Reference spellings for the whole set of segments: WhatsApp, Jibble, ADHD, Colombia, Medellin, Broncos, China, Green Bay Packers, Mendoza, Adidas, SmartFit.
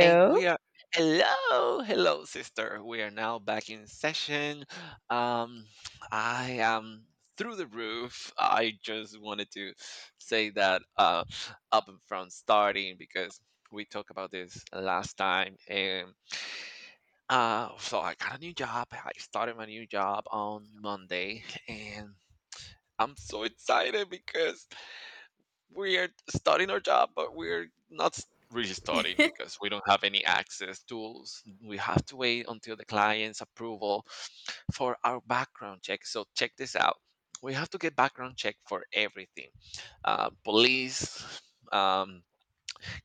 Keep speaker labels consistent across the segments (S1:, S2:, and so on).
S1: And we are Hello, hello, sister. We are now back in session. Um, I am through the roof. I just wanted to say that up and front starting because we talked about this last time, and So I got a new job. I started my new job on Monday, and I'm so excited because we are studying our job, but we're not s- really studying because we don't have any access tools. We have to wait until the client's approval for our background check. So check this out. We have to get background check for everything. Police, um,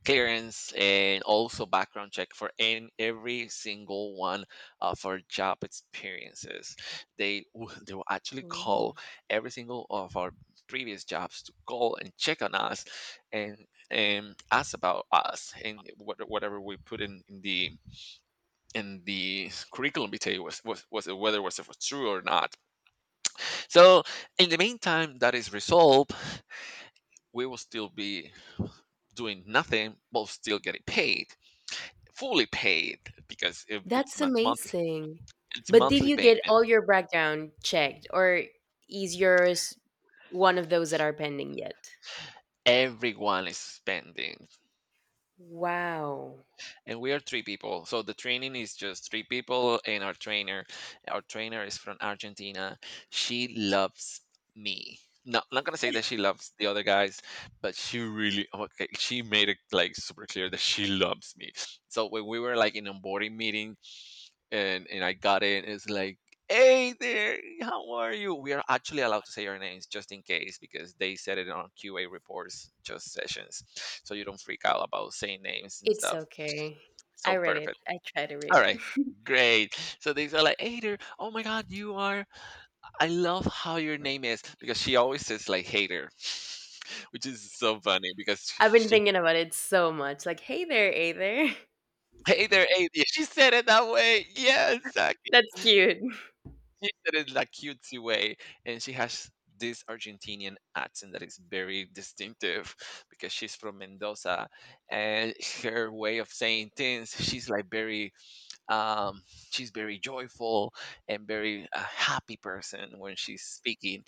S1: clearance, and also background check for in every single one of our job experiences. They will actually
S2: Oh,
S1: call every single of our previous jobs to call and check on us, and ask about us and whatever we put in the in the curriculum vitae was, whether was it was true or not. So in the meantime that is resolved, we will still be doing nothing but still getting paid, fully paid, because
S2: that's
S1: monthly.
S2: amazing.
S1: It's
S2: But did
S1: monthly
S2: you get
S1: payment.
S2: all your background checked, or is yours one of those that are pending yet?
S1: Everyone is spending,
S2: Wow.
S1: and we are three people, so the training is just three people and our trainer. Our trainer is from Argentina. She loves me. No, not gonna say that. She loves the other guys, but she really, okay, she made it like super clear that she loves me. So when we were like in onboarding meeting. And I got in. It's like, hey there, how are you? We are actually allowed to say our names just in case because they said it on QA reports, just sessions, so you don't freak out about saying names and
S2: It's
S1: stuff.
S2: okay.
S1: So
S2: I read it.
S1: perfect.
S2: I try to read
S1: All
S2: it.
S1: right. Great. So they are like, hey there. Oh my God, you are. I love how your name is because she always says, like, Hater, which is so funny because she,
S2: I've been
S1: she
S2: thinking about it so much. Like, hey there, hey there.
S1: hey there, hey, yeah, she said it that way. Yes,
S2: That's cute.
S1: she said it like cutesy way, and she has this Argentinian accent that is very distinctive because she's from Mendoza, and her way of saying things, she's like very um, she's very joyful and very happy person when she's speaking.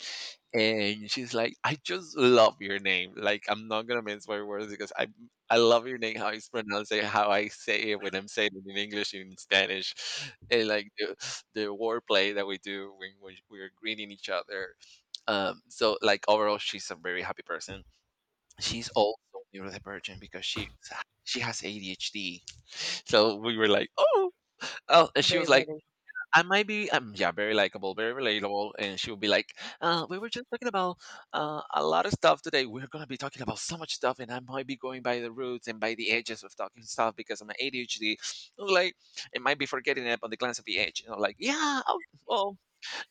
S1: And she's like, I just love your name. Like, I'm not gonna mince my words because I love your name, how it's pronounced, and how I say it when I'm saying it in English and in Spanish, and like the wordplay that we do when we're greeting each other. So like overall, she's a very happy person. She's also neurodivergent because she has ADHD. So we were like, oh, oh, and she
S2: Very
S1: was like,
S2: burdened.
S1: I might be, yeah, very likable, very relatable, and she would be like, we were just talking about a lot of stuff today. We're gonna be talking about so much stuff, and I might be going by the roots and by the edges of talking stuff because I'm an ADHD. Like, it might be forgetting it on the glance of the edge. And I'm like, yeah, oh, well,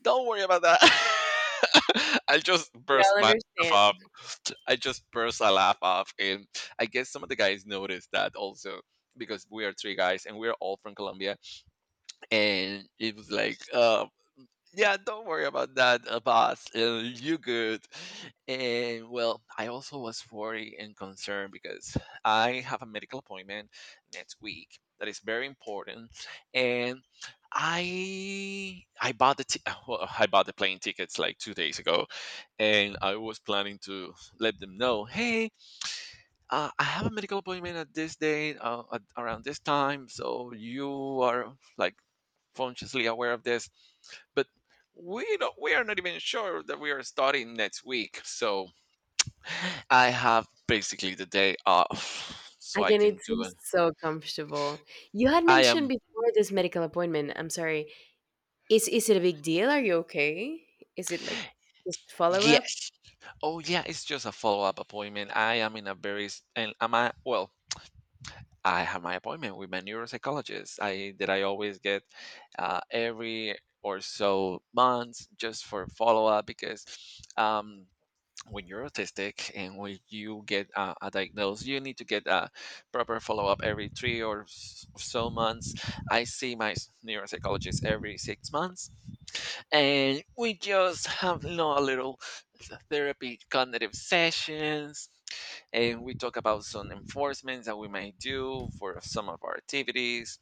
S1: don't worry about that. I just
S2: We
S1: burst
S2: all
S1: my laugh
S2: understand.
S1: off. I just burst a laugh off, and I guess some of the guys noticed that also because we are three guys and we're all from Colombia, and it was like, yeah, don't worry about that, boss. You good. And well, I also was worried and concerned because I have a medical appointment next week that is very important, and I bought the ti- well, I bought the plane tickets like two days ago, and I was planning to let them know, hey, I have a medical appointment at this day around this time, so you are like consciously aware of this. But we are not even sure that we are starting next week, so I have basically the day off so I
S2: Again,
S1: can
S2: it
S1: do
S2: seems
S1: it.
S2: so comfortable. You had
S1: I am
S2: mentioned before this medical appointment. I'm sorry. Is it a big deal? Are you okay? Is it like just follow up?
S1: yes. Oh yeah, it's just a follow-up appointment. I am in a very s- and am I well I have my appointment with my neuropsychologist I that I always get every or so months just for follow-up because um when you're autistic and when you get a diagnosed, you need to get a proper follow up every three so months. I see my neuropsychologist every six months, and we just have, you know, a little therapy cognitive sessions. And we talk about some enforcements that we might do for some of our activities.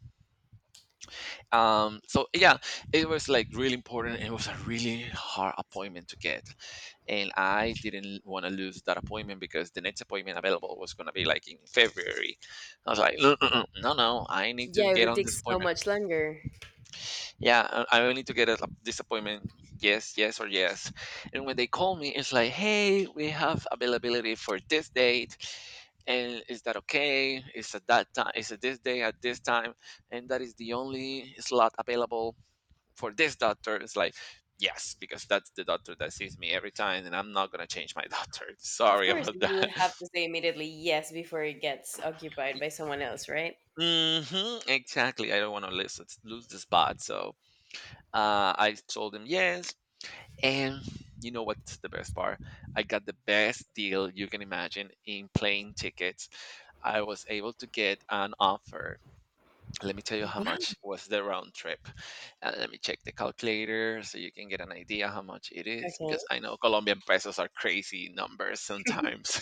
S1: So yeah, it was like really important. And it was a really hard appointment to get, and I didn't want to lose that appointment because the next appointment available was going to be like in February. I was like, "Mm, mm, mm, no, no, I need to
S2: Yeah, it
S1: get
S2: would
S1: on
S2: take
S1: this
S2: so
S1: appointment.
S2: much longer.
S1: Yeah, I need to get this appointment. Yes, yes, or yes. And when they call me, it's like, hey, we have availability for this date. And is that okay? It's at that time? It's at this day at this time? And that is the only slot available for this doctor. It's like, yes, because that's the doctor that sees me every time and I'm not going to change my doctor.
S2: Of
S1: Sorry
S2: course,
S1: about
S2: you
S1: that.
S2: would have to say immediately yes before it gets occupied by someone else, right?
S1: Hmm, exactly, I don't want to lose the spot. So I told him yes. And you know what's the best part? I got the best deal you can imagine in plane tickets. I was able to get an offer. Let me tell you how
S2: Wow.
S1: much was the round trip. And let me check the calculator so you can get an idea how much it is,
S2: Okay.
S1: because I know Colombian pesos are crazy numbers sometimes.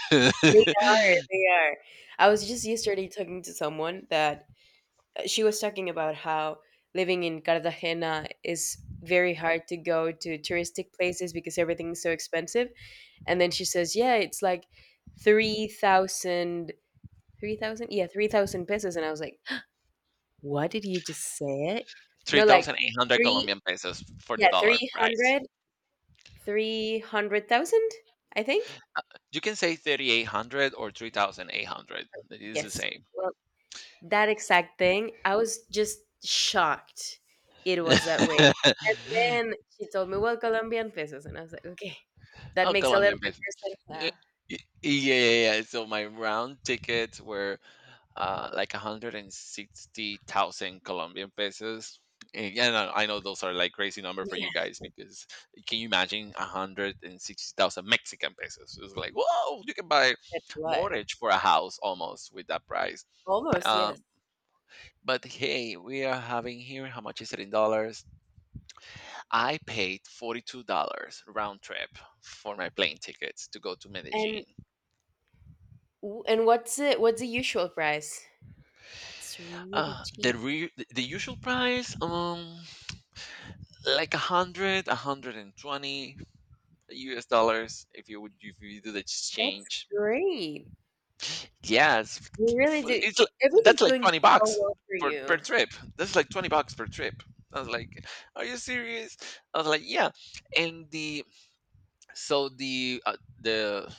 S2: They are. They are. I was just yesterday talking to someone that she was talking about how living in Cartagena is very hard to go to touristic places because everything's so expensive. And then she says, yeah, it's like $3,000 3,000? Yeah, 3,000 pesos. And I was like, what did you just say? No, like
S1: 3800
S2: three,
S1: Colombian pesos for the
S2: yeah,
S1: dollar
S2: three
S1: price.
S2: hundred, 300,000, I think.
S1: You can say 3800 or 3800, it is the
S2: Yes.
S1: same.
S2: Well, that exact thing. I was just shocked it was that way. And then she told me, well, Colombian pesos. And I was like, okay, that
S1: Oh,
S2: makes a little
S1: Colombian
S2: bit
S1: pesos.
S2: more sense
S1: Yeah,
S2: now.
S1: yeah, yeah, yeah. So my round tickets were like 160,000 Colombian pesos. And yeah, no, I know those are like crazy number for you
S2: Yeah,
S1: guys because can you imagine 160,000 Mexican pesos? It's like, whoa, you can buy
S2: that's what.
S1: mortgage for a house almost with that price.
S2: Almost, yes.
S1: Um, but hey, we are having here, how much is it in dollars? I paid $42 round trip for my plane tickets to go to
S2: And
S1: Medellin.
S2: and what's it? What's the usual price? That's really cheap.
S1: The usual price, like a hundred, 120 U.S. dollars if you would, if you do the
S2: That's
S1: exchange.
S2: great.
S1: Yeah,
S2: You really do.
S1: that's
S2: Everything's
S1: like
S2: going so
S1: $20
S2: well for
S1: per
S2: you.
S1: trip. That's like $20 per trip. I was like, "Are you serious?" I was like, "Yeah." And the so the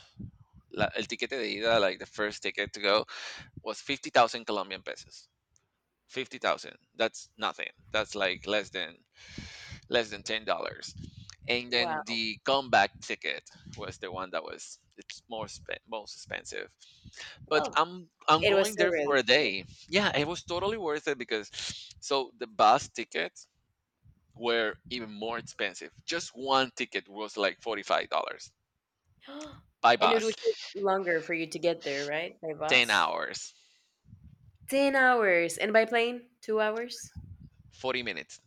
S1: la, el ticket de ida, like the first ticket to go, was 50,000 Colombian pesos. 50,000. That's nothing. That's like less than $10. And then
S2: Wow.
S1: the comeback ticket was the one that was it's most expensive. But
S2: Well,
S1: I'm
S2: it was
S1: going
S2: still
S1: there for
S2: really
S1: a
S2: cheap.
S1: day. Yeah, it was totally worth it because so the bus tickets were even more expensive. Just one ticket was like $45 by
S2: And it
S1: bus,
S2: would take longer for you to get there, right? By
S1: ten
S2: bus?
S1: hours,
S2: 10 hours. And by plane, 2 hours?
S1: 40 minutes.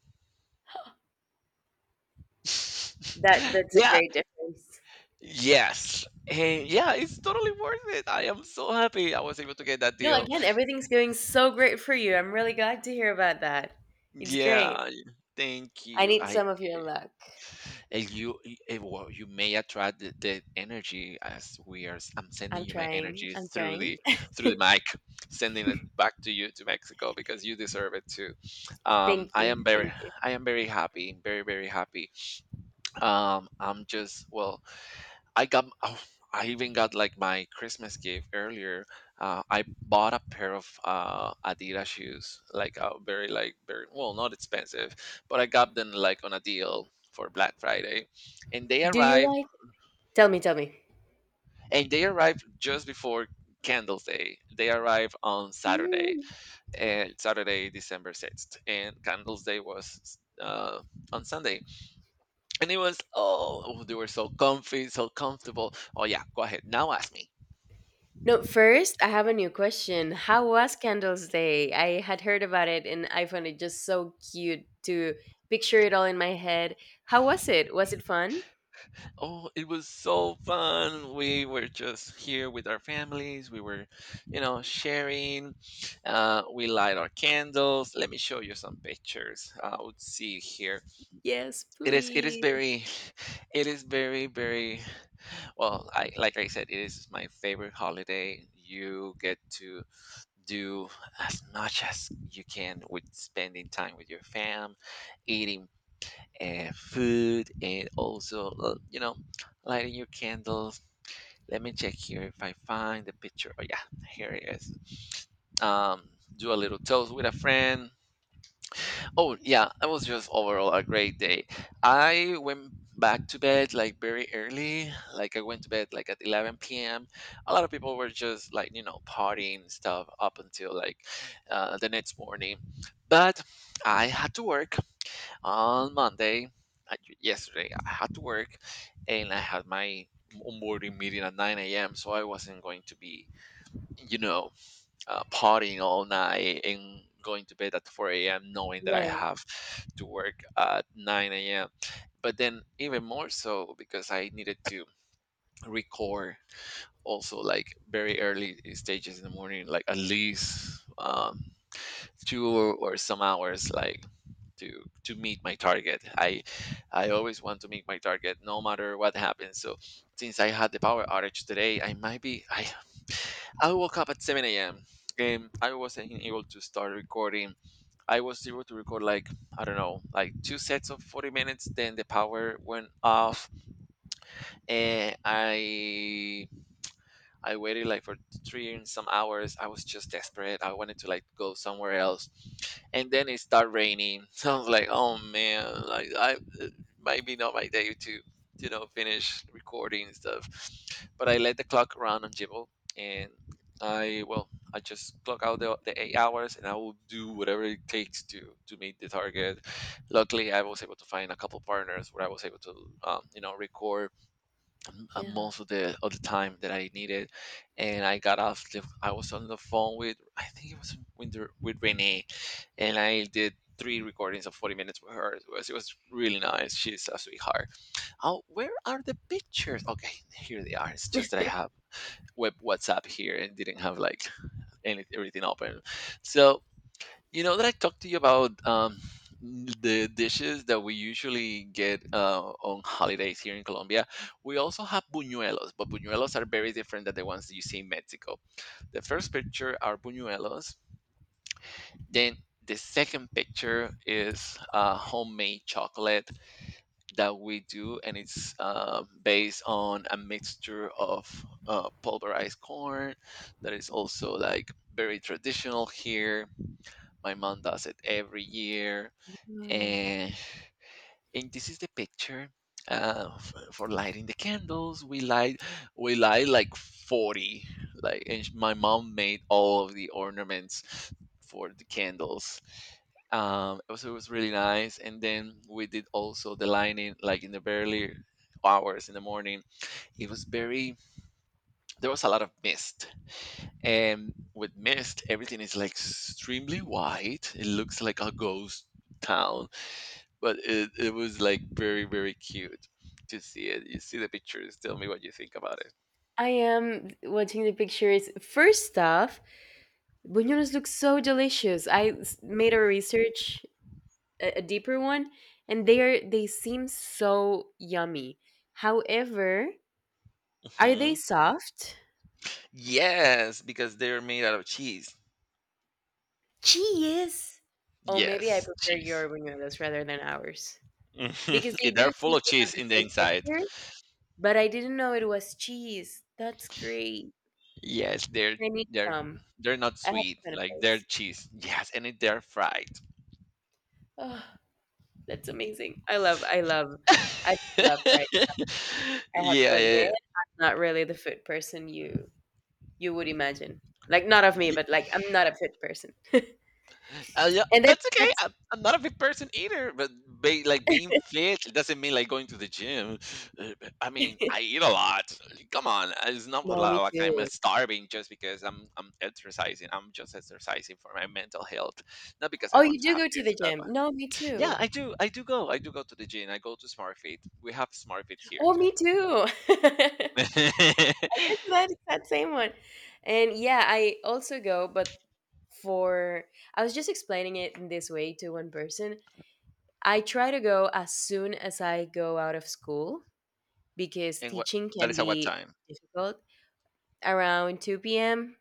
S2: That's a
S1: Yeah,
S2: great difference.
S1: yes, and yeah, it's totally worth it. I am so happy I was able to get that
S2: No,
S1: deal.
S2: again, everything's going so great for you. I'm really glad to hear about that. It's great.
S1: Yeah, thank
S2: I
S1: you.
S2: need
S1: I
S2: some of your luck.
S1: and you y- eh, well, you may attract the energy as we are. I'm sending
S2: I'm
S1: you my
S2: trying.
S1: energy
S2: I'm
S1: through
S2: trying.
S1: the mic, sending it back to you to Mexico because you deserve it too. Um,
S2: Thank
S1: I
S2: you.
S1: am very
S2: Thank you.
S1: I am very happy, very very happy. I'm just, well, I got, oh, I even got like my Christmas gift earlier. I bought a pair of Adidas shoes, like very like very well, not expensive, but I got them like on a deal for Black Friday, and they
S2: Do you
S1: arrived
S2: like? Tell me, tell me.
S1: and they arrived just before Candles Day. They arrived on Saturday,
S2: Mm,
S1: and Saturday December 6th, and Candles Day was. On Sunday, and it was, oh, they were so comfy, so comfortable. Oh, yeah, go ahead now. Ask me.
S2: No, first, I have a new question. How was Candles Day? I had heard about it and I found it just so cute to picture it all in my head. How was it? Was it fun?
S1: Oh, it was so fun. We were just here with our families. We were, you know, sharing. We light our candles. Let me show you some pictures. Let's see here.
S2: Yes,
S1: It is. It is
S2: please.
S1: very. It is very very. Well, I like I said, it is my favorite holiday. You get to do as much as you can with spending time with your fam, eating food, and also you know, lighting your candles. Let me check here if I find the picture. Oh yeah, here it is. Um, do a little toast with a friend. Oh yeah, it was just overall a great day. I went back to bed like very early. Like I went to bed like at 11 p.m. A lot of people were just like partying and stuff up until like the next morning, but I had to work on Monday. Yesterday, I had to work and I had my onboarding meeting at 9 a.m. So I wasn't going to be, you know, partying all night and going to bed at 4 a.m. knowing that I
S2: Right.
S1: have to work at 9 a.m. But then even more so because I needed to record also like very early stages in the morning, like at least two or some hours like to meet my target. I always want to meet my target no matter what happens. So since I had the power outage today, I might be I woke up at 7 a.m., and I wasn't able to start recording. I was able to record like, I don't know, like two sets of 40 minutes. Then the power went off, and I waited like for three and some hours. I was just desperate. I wanted to like go somewhere else, and then it started raining. So I was like, oh man, like I it might be not my day to finish recording and stuff. But I let the clock run on Jibble, and I well, I just clock out the 8 hours, and I will do whatever it takes to meet the target. Luckily, I was able to find a couple partners where I was able to record
S2: Yeah.
S1: most of the time that I needed, and I got off. I was on the phone with, I think it was with Renee, and I did three recordings of 40 minutes with her. It was really nice. She's a sweetheart. Oh, where are the pictures? Okay, here they are. It's just that I have web WhatsApp here and didn't have like everything open. So you know that I talked to you about the dishes that we usually get on holidays here in Colombia. We also have buñuelos, but buñuelos are very different than the ones that you see in Mexico. The first picture are buñuelos. Then the second picture is homemade chocolate that we do, and it's based on a mixture of pulverized corn that is also like very traditional here. My mom does it every year,
S2: Wow.
S1: and, and this is the picture. For lighting the candles, we light like 40, like and my mom made all of the ornaments for the candles. It was, it was really nice, and then we did also the lighting like in the early hours in the morning. It was very, there was a lot of mist, and with mist everything is like extremely white. It looks like a ghost town, but it was like very very cute to see it. You see the pictures, tell me what you think about it.
S2: I am watching the pictures. First off, buñuelos look so delicious. I made a research, a deeper one, and they seem so yummy. However, are
S1: Hmm,
S2: they soft?
S1: yes, because they're made out of cheese.
S2: She is. Oh, maybe I
S1: Yes,
S2: prefer
S1: cheese.
S2: your buñuelos rather than ours because they
S1: Mhm.
S2: do
S1: They're
S2: seem
S1: full of
S2: to have
S1: cheese
S2: the
S1: in the
S2: same
S1: inside.
S2: texture, but I didn't know it was cheese. That's great.
S1: Yes,
S2: I need
S1: they're
S2: some.
S1: they're not
S2: I have to
S1: sweet.
S2: find a
S1: Like they're
S2: place.
S1: cheese, yes, and it, they're fried.
S2: Oh, that's amazing. I just love
S1: Yeah.
S2: fries. I have to admit,
S1: Yeah,
S2: I'm not really the food person you would imagine. Like not of me,
S1: yeah.
S2: but like I'm not a food person.
S1: Yeah,
S2: And that's
S1: that's okay.
S2: that's
S1: I'm not a big person either, but like being fit, it doesn't mean like going to the gym. Uh, I mean, I eat a lot. Come on, it's not
S2: no, me
S1: like I'm
S2: too.
S1: starving just because I'm exercising. I'm just exercising for my mental health, not because I
S2: Oh,
S1: want
S2: you
S1: to
S2: do
S1: have
S2: go to
S1: this
S2: the
S1: or that.
S2: gym. No,
S1: But
S2: me
S1: yeah,
S2: too.
S1: I do. I do go. I do go to the gym. I go to SmartFit. We have SmartFit here
S2: Oh,
S1: too.
S2: me too. It's that exact same one. And yeah, I also go, but for I was just explaining it in this way to one person. I try to go as soon as I go out of school because
S1: And what,
S2: teaching
S1: that
S2: can
S1: is at what
S2: be
S1: time?
S2: difficult around 2 p.m.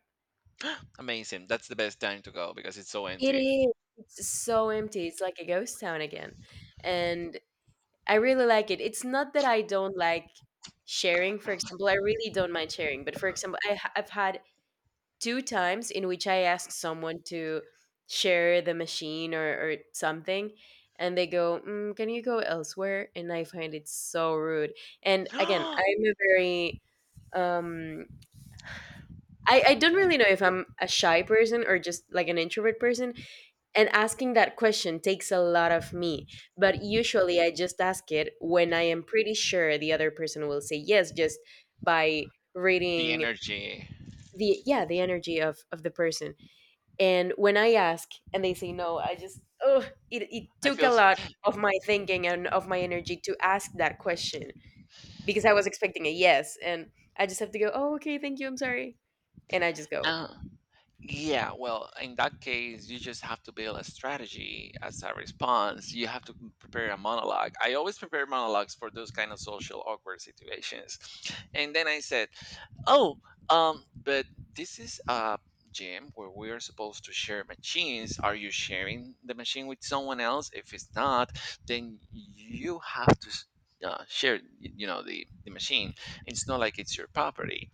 S1: Amazing. That's the best time to go because it's so
S2: It
S1: empty.
S2: is. It's so empty. It's like a ghost town again. And I really like it. It's not that I don't like sharing. For example, I really don't mind sharing. But for example, I've had two times in which I ask someone to share the machine or something, and they go, mm, "Can you go elsewhere?" And I find it so rude. And again,
S1: the
S2: um, I don't really know if I'm a shy person or just like an introvert person. And asking that question takes a lot of me. But usually I just ask it when I am pretty sure the other person will say yes, just by
S1: the
S2: reading
S1: energy.
S2: the yeah, the energy of the person. And when I ask and they say no, I just, oh, it
S1: I
S2: took
S1: feel,
S2: a lot of my thinking and of my energy to ask that question because I was expecting a yes. And I just have to go, oh, okay, thank you, I'm sorry. And I just go,
S1: uh, yeah, well, in that case, you just have to build a strategy as a response. You have to prepare a monologue. I always prepare monologues for those kind of social awkward situations. And then I said, oh, but this is a gym where we are supposed to share machines. Are you sharing the machine with someone else? If it's not, then you have to share, the machine. It's not like it's your property.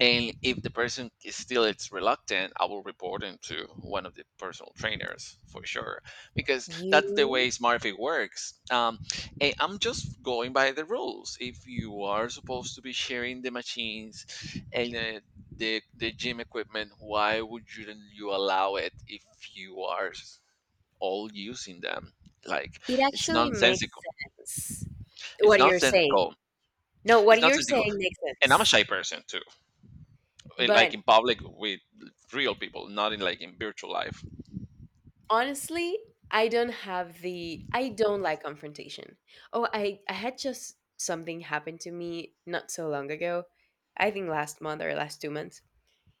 S1: And if the person is still it's reluctant, I will report him to one of the personal trainers for sure, because that's the way
S2: you,
S1: SmartFit works. And I'm just going by the rules. If you are supposed to be sharing the machines and the gym equipment, why would you allow it if you are s- all using them? Like
S2: it
S1: it's
S2: actually makes
S1: nonsensical.
S2: sense
S1: It's
S2: what you're saying.
S1: nonsensical.
S2: No,
S1: It's
S2: what you're
S1: nonsensical.
S2: saying makes
S1: And I'm a
S2: sense.
S1: shy person too. Like
S2: But
S1: in public with real people, not in like in virtual life.
S2: honestly, I don't like confrontation. Oh, I had just something happen to me not so long ago. I think last month or last 2 months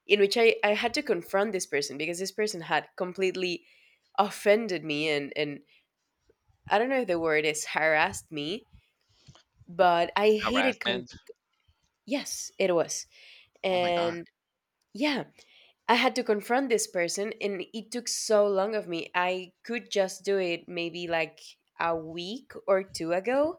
S2: in which I had to confront this person because this person had completely offended me and I don't know if the word is harassed me, but I hated
S1: Harassment.
S2: yes, it was.
S1: Oh my god.
S2: And yeah, I had to confront this person, and it took so long of me. I could just do it maybe like a week or two ago.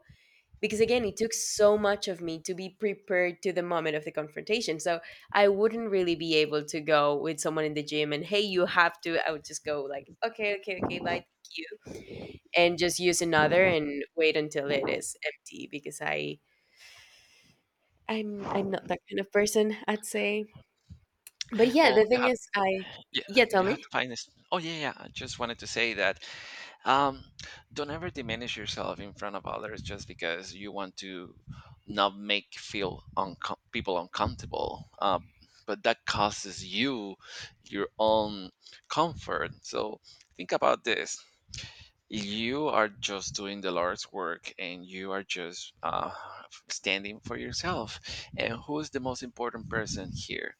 S2: Because again, it took so much of me to be prepared to the moment of the confrontation. So I wouldn't really be able to go with someone in the gym and, hey, you have to. I would just go like, okay, okay, okay, bye, thank you. And just use another and wait until it is empty because I'm not that kind of person, I'd say. But yeah,
S1: Well,
S2: the
S1: you
S2: thing
S1: have
S2: is I
S1: yeah,
S2: yeah,
S1: you
S2: tell
S1: have to
S2: me.
S1: find this. Oh yeah, yeah. I just wanted to say that um, don't ever diminish yourself in front of others just because you want to not make feel people uncomfortable. But that causes you your own comfort. So think about this: you are just doing the Lord's work, and you are just standing for yourself. And who's the most important person here,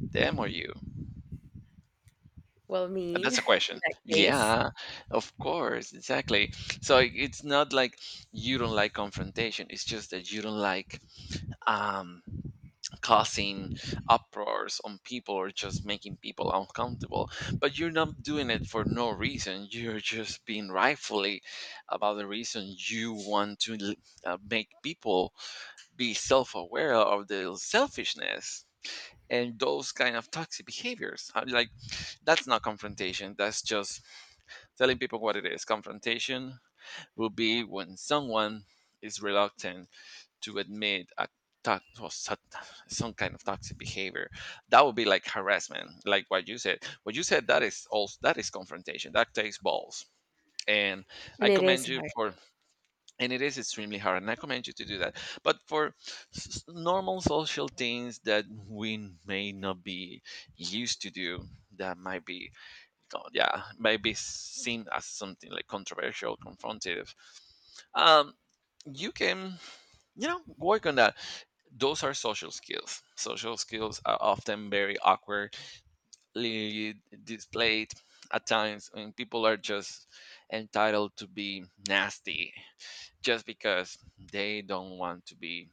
S1: them or you?
S2: Well,
S1: And
S2: me
S1: that's
S2: in
S1: a question.
S2: that case,
S1: Yeah, of course, exactly. So it's not like you don't like confrontation. It's just that you don't like um, causing uproars on people or just making people uncomfortable. But you're not doing it for no reason. You're just being rightfully about the reason. You want to make people be self-aware of their selfishness and those kind of toxic behaviors. Like that's not confrontation. That's just telling people what it is. Confrontation will be when someone is reluctant to admit a to- well, so- some kind of toxic behavior. That would be like harassment, like what you said, what you said. That is also, that is confrontation. That takes balls, and I
S2: and it
S1: commend
S2: is
S1: you
S2: hard.
S1: for and it is extremely hard, and I commend you to do that. But for normal social things that we may not be used to do, that might be oh, yeah, might be seen as something like controversial, confrontative. um you can, you know, work on that. Those are social skills. Social skills are often very awkwardly displayed at times when people are just entitled to be nasty just because they don't want to be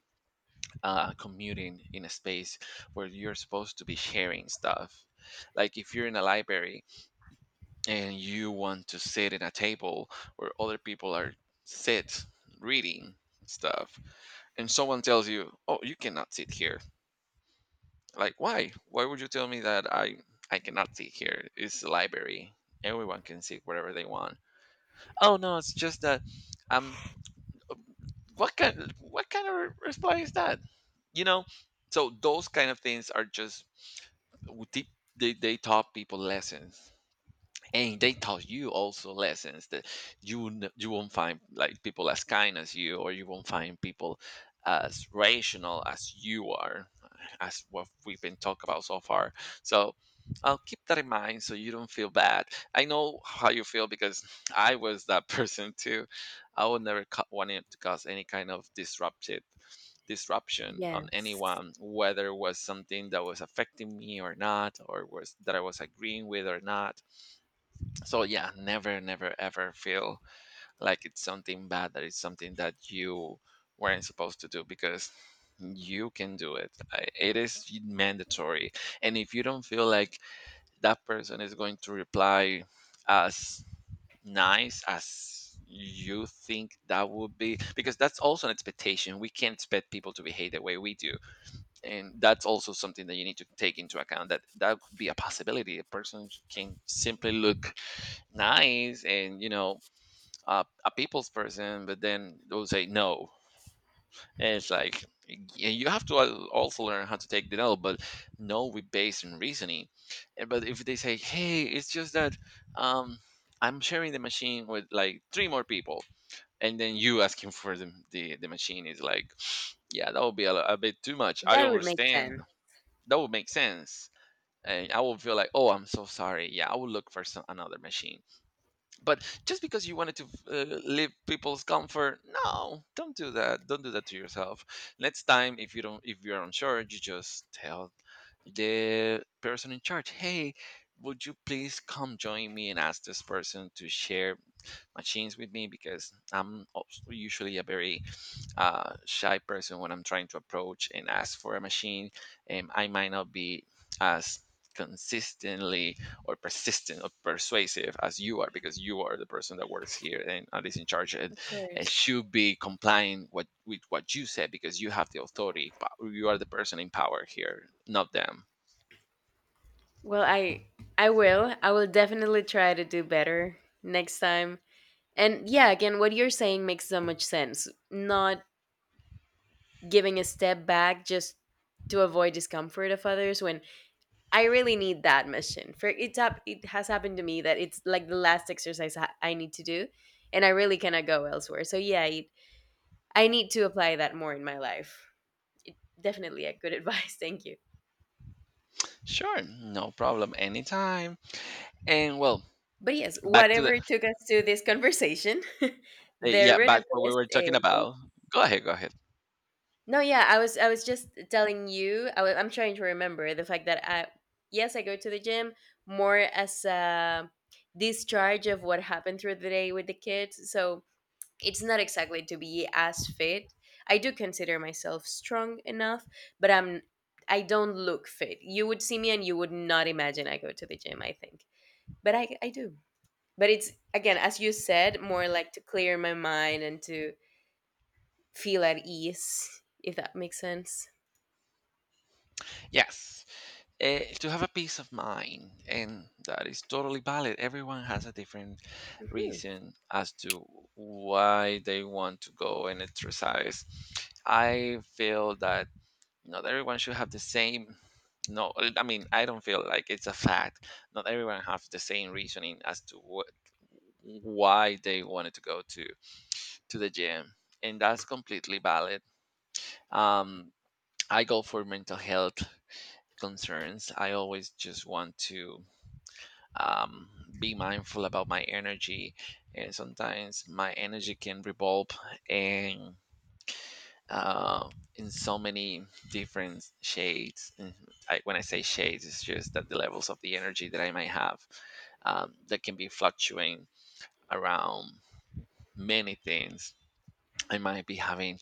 S1: commuting in a space where you're supposed to be sharing stuff. Like if you're in a library and you want to sit at a table where other people are sit reading stuff, and someone tells you, "Oh, you cannot sit here." Like, why? Why would you tell me that I cannot sit here? It's a library. Everyone can sit wherever they want. Oh no, it's just that. Um, what kind of reply is that? You know, so those kind of things are just deep. They taught people lessons, and they taught you also lessons that you won't find like people as kind as you, or you won't find people as rational as you are, as what we've been talking about so far. So I'll keep that in mind so you don't feel bad. I know how you feel, because I was that person too. I would never wanted to cause any kind of disrupted disruption on
S2: Yes.
S1: anyone, whether it was something that was affecting me or not, or was that I was agreeing with or not. So yeah, never, never ever feel like it's something bad, that it's something that you weren't supposed to do, because you can do it. It is mandatory. And if you don't feel like that person is going to reply as nice as you think that would be, because that's also an expectation, we can't expect people to behave the way we do. And that's also something that you need to take into account, that that could be a possibility. A person can simply look nice and, you know, a people's person, but then they'll say no. And it's like you have to also learn how to take the no. But no, we based on reasoning. And but if they say, hey, it's just that, um I'm sharing the machine with like three more people, and then you asking for the machine is like, yeah, that would be a bit too much, I
S2: That would make
S1: understand.
S2: sense.
S1: That would make sense. And I will feel like, oh, I'm so sorry, yeah, I will look for another machine. But just because you wanted to leave people's comfort, no, don't do that. Don't do that to yourself. Next time, if you don't, if you're unsure, you just tell the person in charge, hey, would you please come join me And ask this person to share machines with me because I'm also usually a very shy person when I'm trying to approach and ask for a machine. And I might not be as consistently or persistent or persuasive as you are because you are the person that works here and is in charge,
S2: Of
S1: and
S2: course.
S1: should be complying with what you said because you have the authority. But you are the person in power here, not them.
S2: Well, I will. I will definitely try to do better next time. And yeah, again, what you're saying makes so much sense. Not giving a step back just to avoid discomfort of others when I really need that mission. For it's up It has happened to me that it's like the last exercise I need to do and I really cannot go elsewhere. So yeah, I need to apply that more in my life. Definitely a good advice. Thank you.
S1: Sure, no problem. Anytime. And well,
S2: But yes,
S1: back to the
S2: whatever took us to this conversation, the
S1: yeah,
S2: root
S1: back
S2: of
S1: what we
S2: this
S1: were
S2: is
S1: talking about. Go ahead, go ahead.
S2: no. Yeah, I was just telling you. I'm trying to remember the fact that I yes, I go to the gym more as a discharge of what happened through the day with the kids. So it's not exactly to be as fit. I do consider myself strong enough, but I don't look fit. You would see me and you would not imagine I go to the gym. I think, but I do. But it's again as you said more like to clear my mind and to feel at ease if that makes sense.
S1: Yes, to have a peace of mind, and that is totally valid. Everyone has a different reason as to why they want to go and exercise. I feel that not everyone should have the same. No, I mean, I don't feel like it's a fact. Not everyone have the same reasoning as to what, why they wanted to go to the gym, and that's completely valid. um I go for mental health concerns. I always just want to um, be mindful about my energy, and sometimes my energy can revolve and. uh, in so many different shades. And I, when I say shades, it's just that the levels of the energy that I might have, that can be fluctuating around many things. I might be having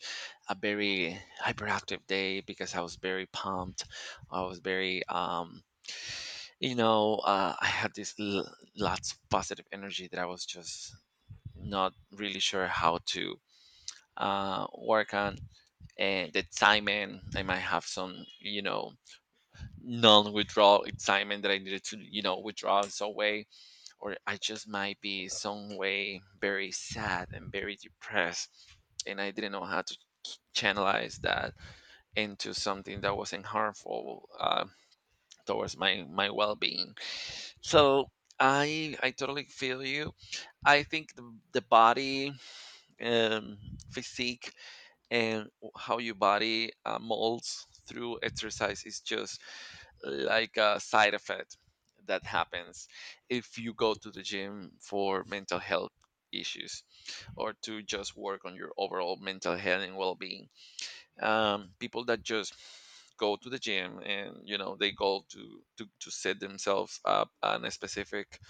S1: a very hyperactive day because I was very pumped. I was very, I had this lots of positive energy that I was just not really sure how to work on, and the timing I might have some, you know, non-withdrawal excitement that I needed to, you know, withdraw in some way, or I just might be some way very sad and very depressed, and I didn't know how to channelize that into something that wasn't harmful towards my well-being. So I totally feel you. I think the body, um, physique, and how your body molds through exercise is just like a side effect that happens if you go to the gym for mental health issues, or to just work on your overall mental health and well-being. People that just go to the gym and, you know, they go to to set themselves up on a specific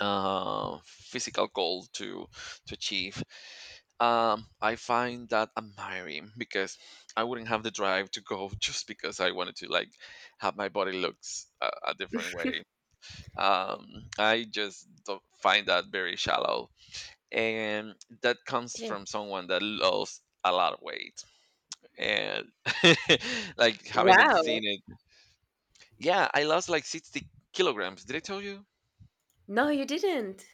S1: physical goal to achieve, I find that admiring because I wouldn't have the drive to go just because I wanted to, like, have my body looks a different way. I just don't find that very shallow, and that comes
S2: It is.
S1: from someone that lost a lot of weight and like haven't
S2: Wow.
S1: seen it. Yeah, I lost like 60 kilograms. Did I tell you?
S2: No, you didn't.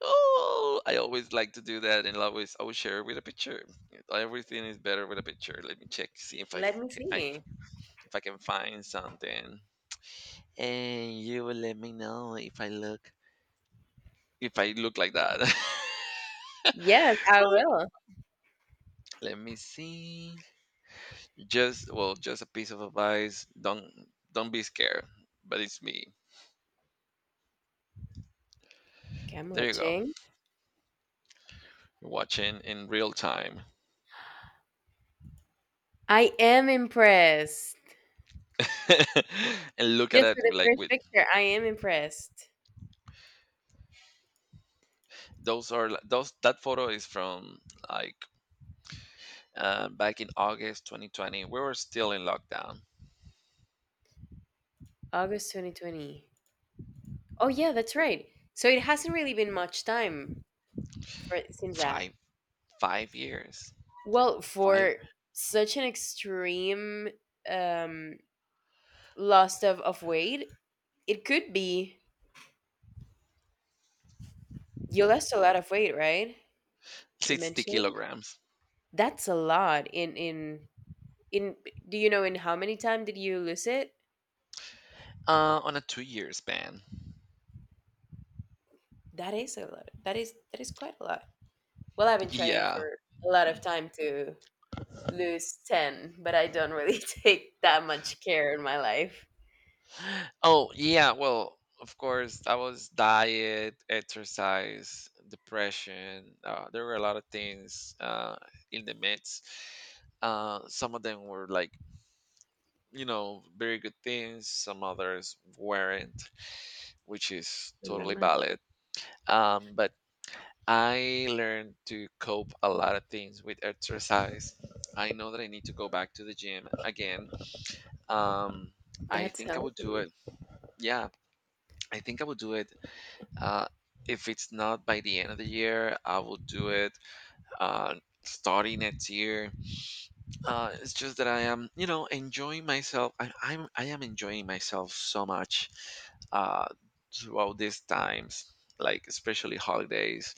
S1: Oh, I always like to do that, and always I will share it with a picture. Everything is better with a picture. Let me check, see if I
S2: Let me
S1: can,
S2: see.
S1: if I can find something, and you will let me know if I look, if I look like that.
S2: Yes, I
S1: Well,
S2: will.
S1: let me see. Just a piece of advice. Don't be scared. But it's me.
S2: Okay, I'm
S1: There you go.
S2: watching.
S1: You're watching in real time,
S2: I am impressed.
S1: and look at
S2: Just for
S1: it
S2: the
S1: like
S2: first
S1: with
S2: picture, I am impressed.
S1: those are like- those. That photo is from like back in August 2020. We were still in lockdown.
S2: August 2020. Oh yeah, that's right. So it hasn't really been much time for since that.
S1: Five five years,
S2: Well,
S1: five,
S2: for such an extreme um loss of weight. It could be. You lost a lot of weight, right? You
S1: sixty
S2: mentioned.
S1: kilograms.
S2: That's a lot in in do you know in how many time did you lose it?
S1: On a 2 year span.
S2: That is a lot. That is quite a lot. Well, I've been trying
S1: Yeah.
S2: for a lot of
S1: Mm.
S2: time to lose 10, but I don't really take that much care in my life.
S1: Oh yeah. Well, of course, that was diet, exercise, depression. There were a lot of things in the midst. Some of them were like, you know, very good things. Some others weren't, which is
S2: Not that
S1: totally
S2: much.
S1: valid. But I learned to cope a lot of things with exercise. I know that I need to go back to the gym again. Um, I
S2: That's
S1: think I would do
S2: healthy,
S1: it. Yeah, I think I would do it. Uh, if it's not by the end of the year, I will do it uh, starting next year. It's just that I am, you know, enjoying myself. I I am enjoying myself so much uh, throughout these times, like especially holidays,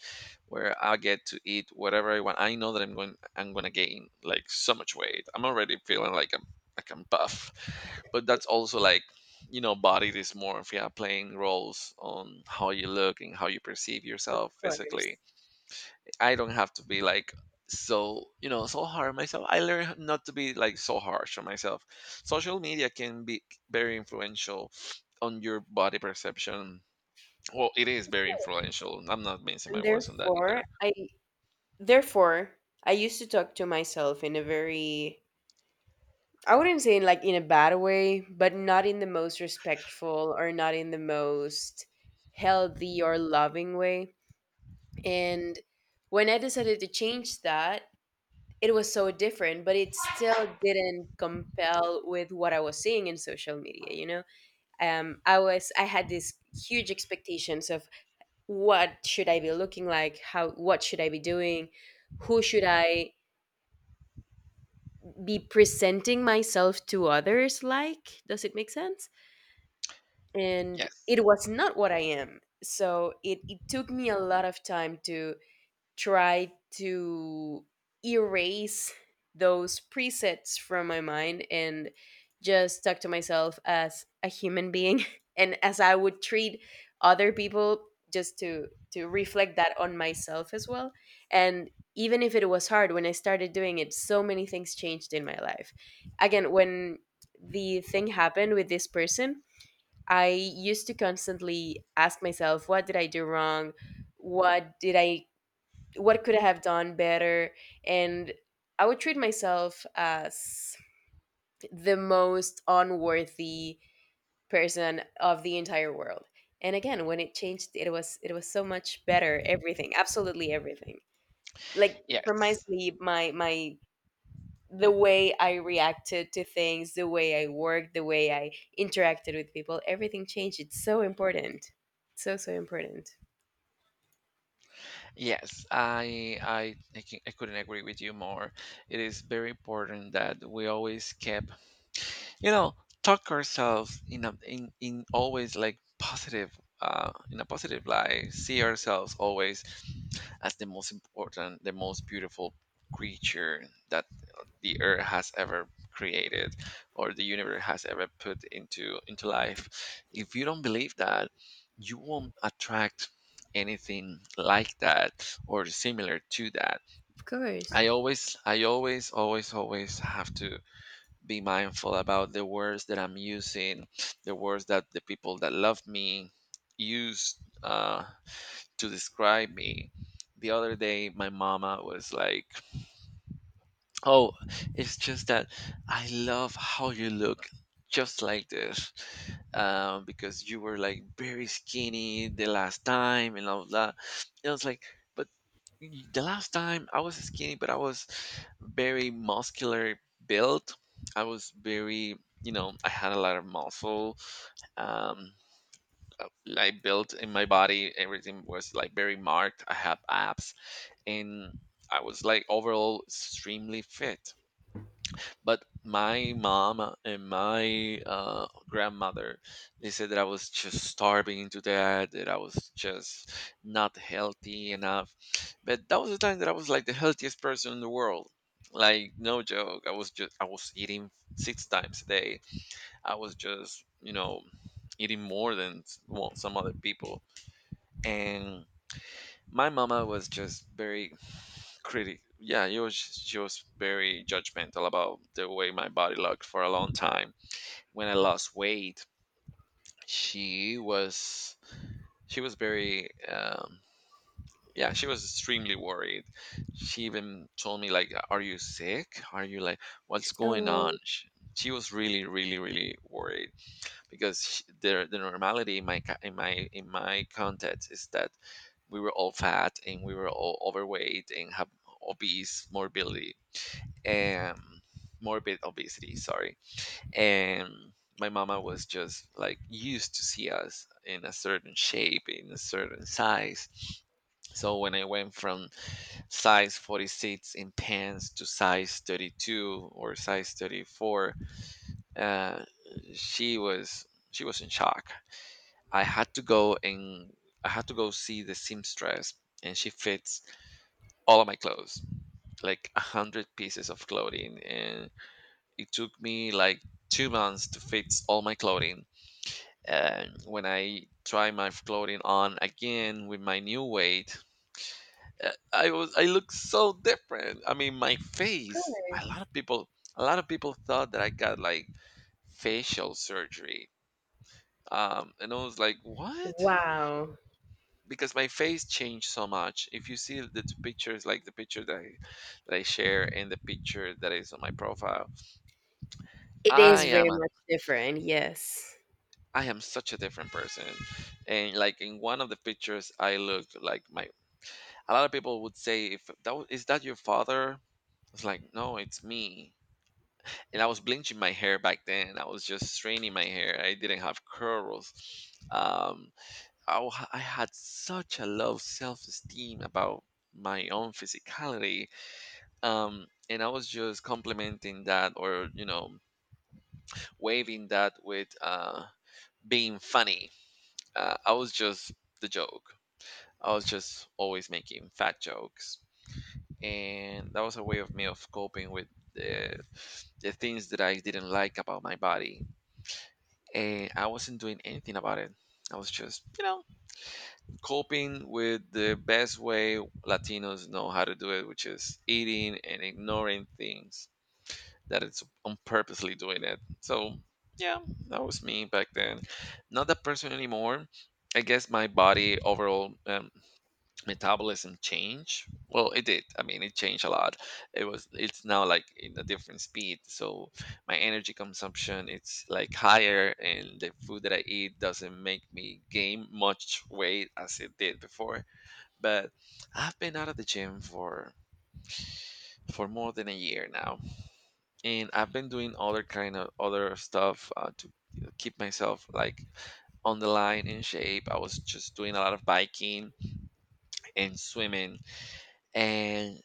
S1: where I get to eat whatever I want. I know that I'm gonna gain like so much weight. I'm already feeling like I'm buff, but that's also like, you know, body dysmorphia playing roles on how you look and how you perceive
S2: of
S1: yourself
S2: course.
S1: physically. I don't have to be like so, you know, so hard on myself. I learn not to be like so harsh on myself. Social media can be very influential on your body perception. Well, it is very influential. I'm not mincing my
S2: And
S1: words on that either.
S2: therefore I used to talk to myself in a very I wouldn't say in like in a bad way, but not in the most respectful or not in the most healthy or loving way. And when I decided to change that, it was so different, but it still didn't compel with what I was seeing in social media, you know? I had these huge expectations of what should I be looking like, how what should I be doing, who should I be presenting myself to others like? Does it make sense? And
S1: Yes.
S2: it was not what I am. So it took me a lot of time to try to erase those presets from my mind and just talk to myself as a human being and as I would treat other people just to reflect that on myself as well. And even if it was hard when I started doing it, so many things changed in my life. Again, when the thing happened with this person, I used to constantly ask myself, what did I do wrong? What did I, what could I have done better? And I would treat myself as the most unworthy person of the entire world. And again, when it changed, it was so much better. Everything, absolutely everything. Like from my
S1: Yes.
S2: sleep, my the way I reacted to things, the way I worked, the way I interacted with people, everything changed. It's so important. So, so important.
S1: Yes. I couldn't agree with you more. It is very important that we always keep, you know, talk ourselves in a in, in always like positive, in a positive light, see ourselves always as the most important, the most beautiful creature that the earth has ever created, or the universe has ever put into life. If you don't believe that, you won't attract anything like that or similar to that.
S2: Of course.
S1: I always always have to be mindful about the words that I'm using, the words that the people that love me use uh, to describe me. The other day, my mama was like, "Oh, it's just that I love how you look just like this, because you were like very skinny the last time and all that." And I was like, "But the last time I was skinny, but I was very muscular built. I was very, you know, I had a lot of muscle. Um, like built in my body, everything was like very marked. I had abs, and I was like overall extremely fit." But my mom and my grandmother, they said that I was just starving to death, that I was just not healthy enough. But that was the time that I was like the healthiest person in the world. Like, no joke, I was just, I was eating six times a day. I was just, you know, eating more than well, some other people. And my mama was just very critic. Yeah, she was very judgmental about the way my body looked for a long time. When I lost weight, she was she was very, yeah, she was extremely worried. She even told me like, "Are you sick? Are you like, what's going
S2: Oh, of
S1: on?" She was really really really worried because the normality in my in my context is that we were all fat and we were all overweight and have obese morbidity, um, morbid obesity, sorry. And my mama was just like used to see us in a certain shape, in a certain size. So when I went from size 46 in pants to size 32 or size 34, uh, she was she was in shock. I had to go and I had to go see the seamstress, and she fits all of my clothes, like a hundred pieces of clothing, and it took me like 2 months to fix all my clothing. And when I try my clothing on again with my new weight, I was, I look so different. I mean, my face. A
S2: course.
S1: lot of people, a lot of people thought that I got like facial surgery. And I was like, what?
S2: Wow.
S1: Because my face changed so much. If you see the two pictures, like the picture that that I share and the picture that is on my profile,
S2: It
S1: I
S2: is
S1: am
S2: very much different. Yes.
S1: I am such a different person. And like in one of the pictures, I looked like my. A lot of people would say, "If that is that your father?" I was like, "No, it's me." And I was bleaching my hair back then. I was just straining my hair. I didn't have curls. Um, I had such a low self-esteem about my own physicality. And I was just complimenting that, or you know, waving that with being funny. I was just the joke. I was just always making fat jokes, and that was a way of me of coping with the the things that I didn't like about my body, and I wasn't doing anything about it. I was just, you know, coping with the best way Latinos know how to do it, which is eating and ignoring things that it's on purposely doing it. So yeah, that was me back then. Not that person anymore. I guess my body overall, metabolism change? Well, it did. I mean, it changed a lot. It's now like in a different speed. So my energy consumption, it's like higher, and the food that I eat doesn't make me gain much weight as it did before. But I've been out of the gym for more than a year now. And I've been doing other kind of other stuff to keep myself like on the line in shape. I was just doing a lot of biking and swimming and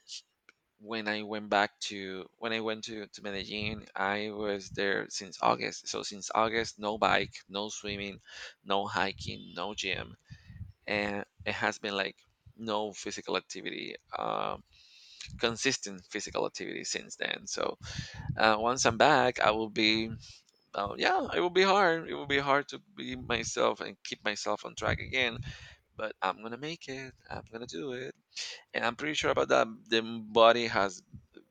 S1: when I went to Medellin. I was there since August. So since August, no bike, no swimming, no hiking, no gym, and it has been like no physical activity, consistent physical activity since then. So once I'm back, I will be, yeah, it will be hard. It will be hard to be myself and keep myself on track again. But I'm gonna make it. I'm gonna do it, and I'm pretty sure about that. The body has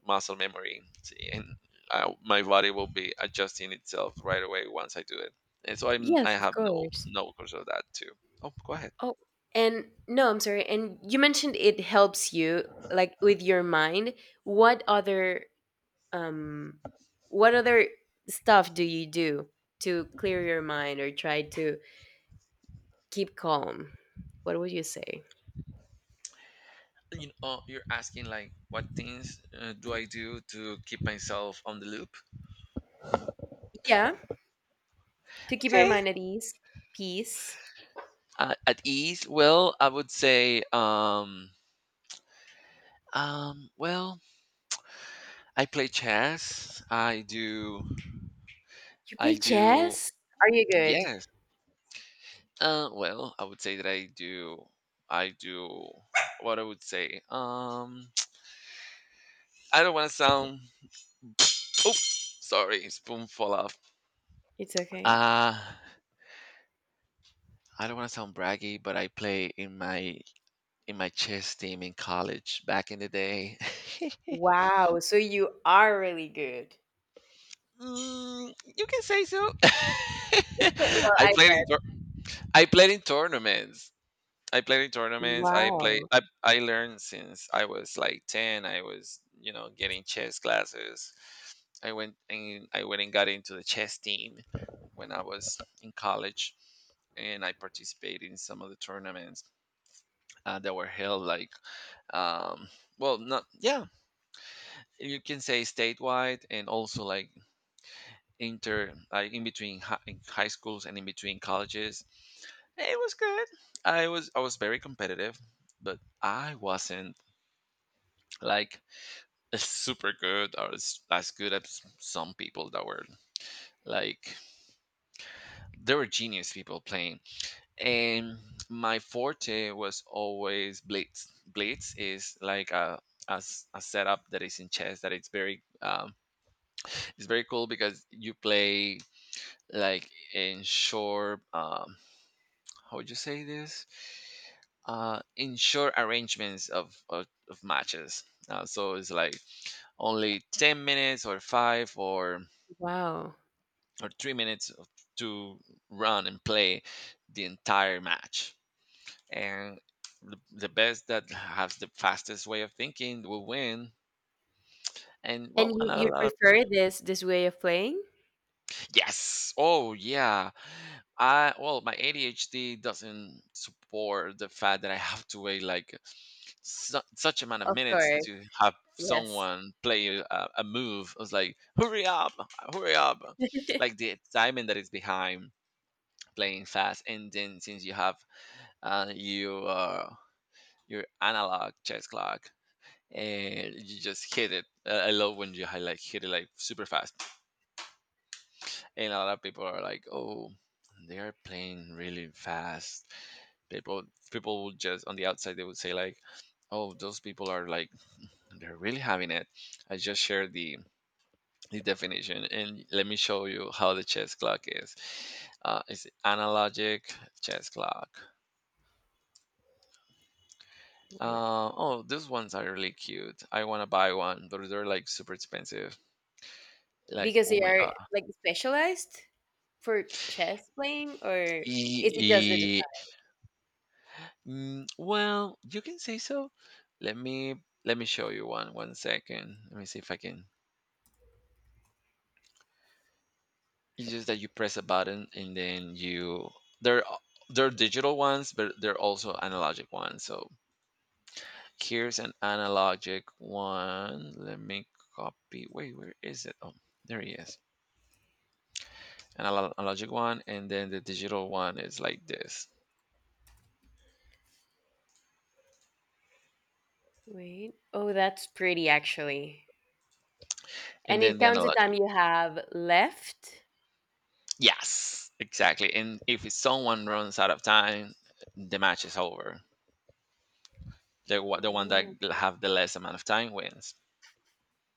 S1: muscle memory, see, and my body will be adjusting itself right away once I do it. And so I
S2: Yes, of
S1: have
S2: course.
S1: no course of that too. Oh, go ahead.
S2: Oh, and no, I'm sorry. And you mentioned it helps you like with your mind. What other um what other stuff do you do to clear your mind or try to keep calm, what would you say?
S1: You know, you're asking like what things do I do to keep myself on the loop?
S2: Yeah, to keep your
S1: Okay,
S2: mind at ease, peace.
S1: at ease. Well, I would say um well I play chess. I do.
S2: You
S1: I
S2: play
S1: do.
S2: chess? Are you good?
S1: Yes. Well, I would say that I do. I do. What I would say. I don't want to sound. Oh, sorry, spoon fall off.
S2: It's okay.
S1: Uh, I don't want to sound braggy, but I play in my chess team in college back in the day.
S2: Wow, so you are really good.
S1: Mm, you can say so.
S2: Well,
S1: I
S2: I
S1: played in
S2: bet.
S1: tour- I played in tournaments. I play.
S2: Wow,
S1: I learned since I was like ten. I was, you know, getting chess classes. I went and got into the chess team when I was in college, and I participated in some of the tournaments that were held like um well not yeah you can say statewide, and also like inter like in between hi- in high schools and in between colleges. It was good. I was very competitive, but I wasn't like as super good or as good as some people that were like they were genius people playing. And my forte was always blitz. Blitz is like a setup that is in chess that it's very it's very cool because you play like ensure how would you say this ensure arrangements of of matches, so it's like only 10 minutes or 5
S2: wow.
S1: or 3 minutes to run and play the entire match. And the best that has the fastest way of thinking will win. And well,
S2: And you
S1: another
S2: you
S1: lot of
S2: prefer this way of playing?
S1: yes. Oh yeah. I well, my ADHD doesn't support the fact that I have to wait like such amount of
S2: Of
S1: minutes
S2: course,
S1: to have
S2: yes.
S1: someone play a move. I was like, hurry up, hurry up! Like the excitement that is behind playing fast, and then since you have and your analog chess clock and you just hit it. I love when you hit it like super fast. And a lot of people are like, "Oh, they are playing really fast." People People would just on the outside they would say like, "Oh, those people are like they're really having it." I just shared the definition, and let me show you how the chess clock is. It's analogic chess clock.
S2: Wait,
S1: Oh, these ones are really cute. I want to buy one, but they're like super expensive. Like,
S2: because
S1: oh
S2: they
S1: my
S2: are
S1: God.
S2: like specialized for chess playing, or
S1: E-
S2: is it just the
S1: e-
S2: design?
S1: mm, well, you can say so. Let me let me show you one. One second. Let me see if I can. It's just that you press a button and then they're a- they're digital ones, but they're also analogic ones. So here's an analogic one. Let me copy. Wait, where is it? Oh, there he is. Analogic one, and then the digital one is like this,
S2: Wait, oh, that's pretty actually.
S1: and
S2: And
S1: then
S2: it
S1: the
S2: counts the
S1: analogic.
S2: time you have left.
S1: Yes, exactly. And if it's someone runs out of time, the match is over. The one that
S2: Ooh,
S1: l- have the less amount of time wins.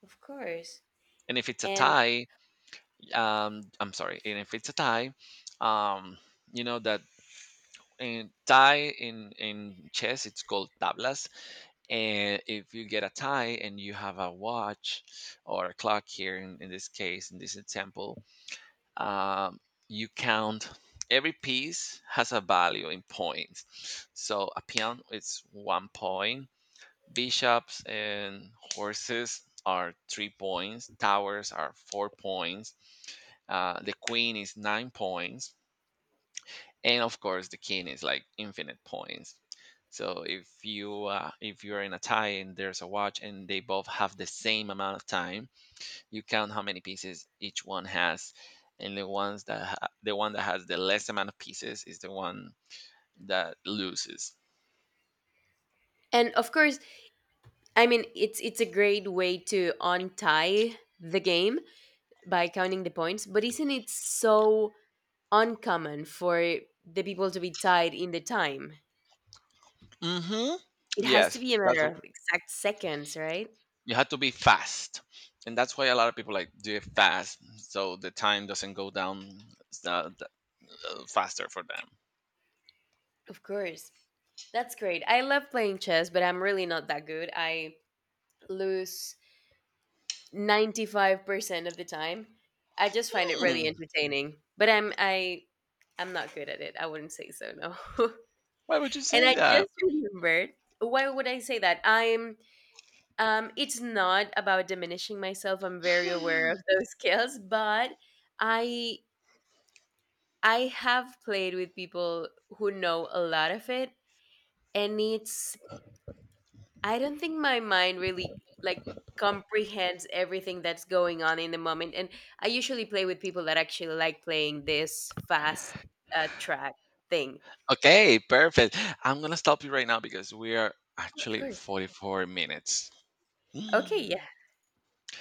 S2: of course.
S1: And if it's a
S2: And
S1: tie, I'm sorry. And if it's a tie, um, you know that in tie in chess it's called tablas, and if you get a tie and you have a watch or a clock here in this case, in this example, um, you count. Every piece has a value in points, so a peon is 1 point, bishops and horses are 3 points, towers are 4 points, the queen is 9 points, and of course the king is like infinite points. So if you, if you're in a tie and there's a watch and they both have the same amount of time, you count how many pieces each one has, and the one that has the less amount of pieces is the one that loses.
S2: and of course, I mean it's a great way to untie the game by counting the points, but isn't it so uncommon for the people to be tied in the time?
S1: Mm-hmm.
S2: It has to
S1: Yes,
S2: be a matter of exact seconds, right?
S1: you have to be fast, and that's why a lot of people like do it fast so the time doesn't go down uh, th- faster for them.
S2: Of course. That's great. I love playing chess, but I'm really not that good. I lose 95% of the time. I just find it really
S1: Hmm,
S2: entertaining. But I'm not good at it. I wouldn't say so, no.
S1: why would you
S2: And
S1: say
S2: I
S1: that?
S2: just remembered why would I say that? I'm it's not about diminishing myself. I'm very aware of those skills, but I I have played with people who know a lot of it and it's I don't think my mind really like comprehends everything that's going on in the moment. And I usually play with people that actually like playing this fast track thing.
S1: Okay, perfect. I'm gonna stop you right now because we are
S2: Oh, of
S1: actually
S2: course.
S1: 44 minutes.
S2: Okay, yeah.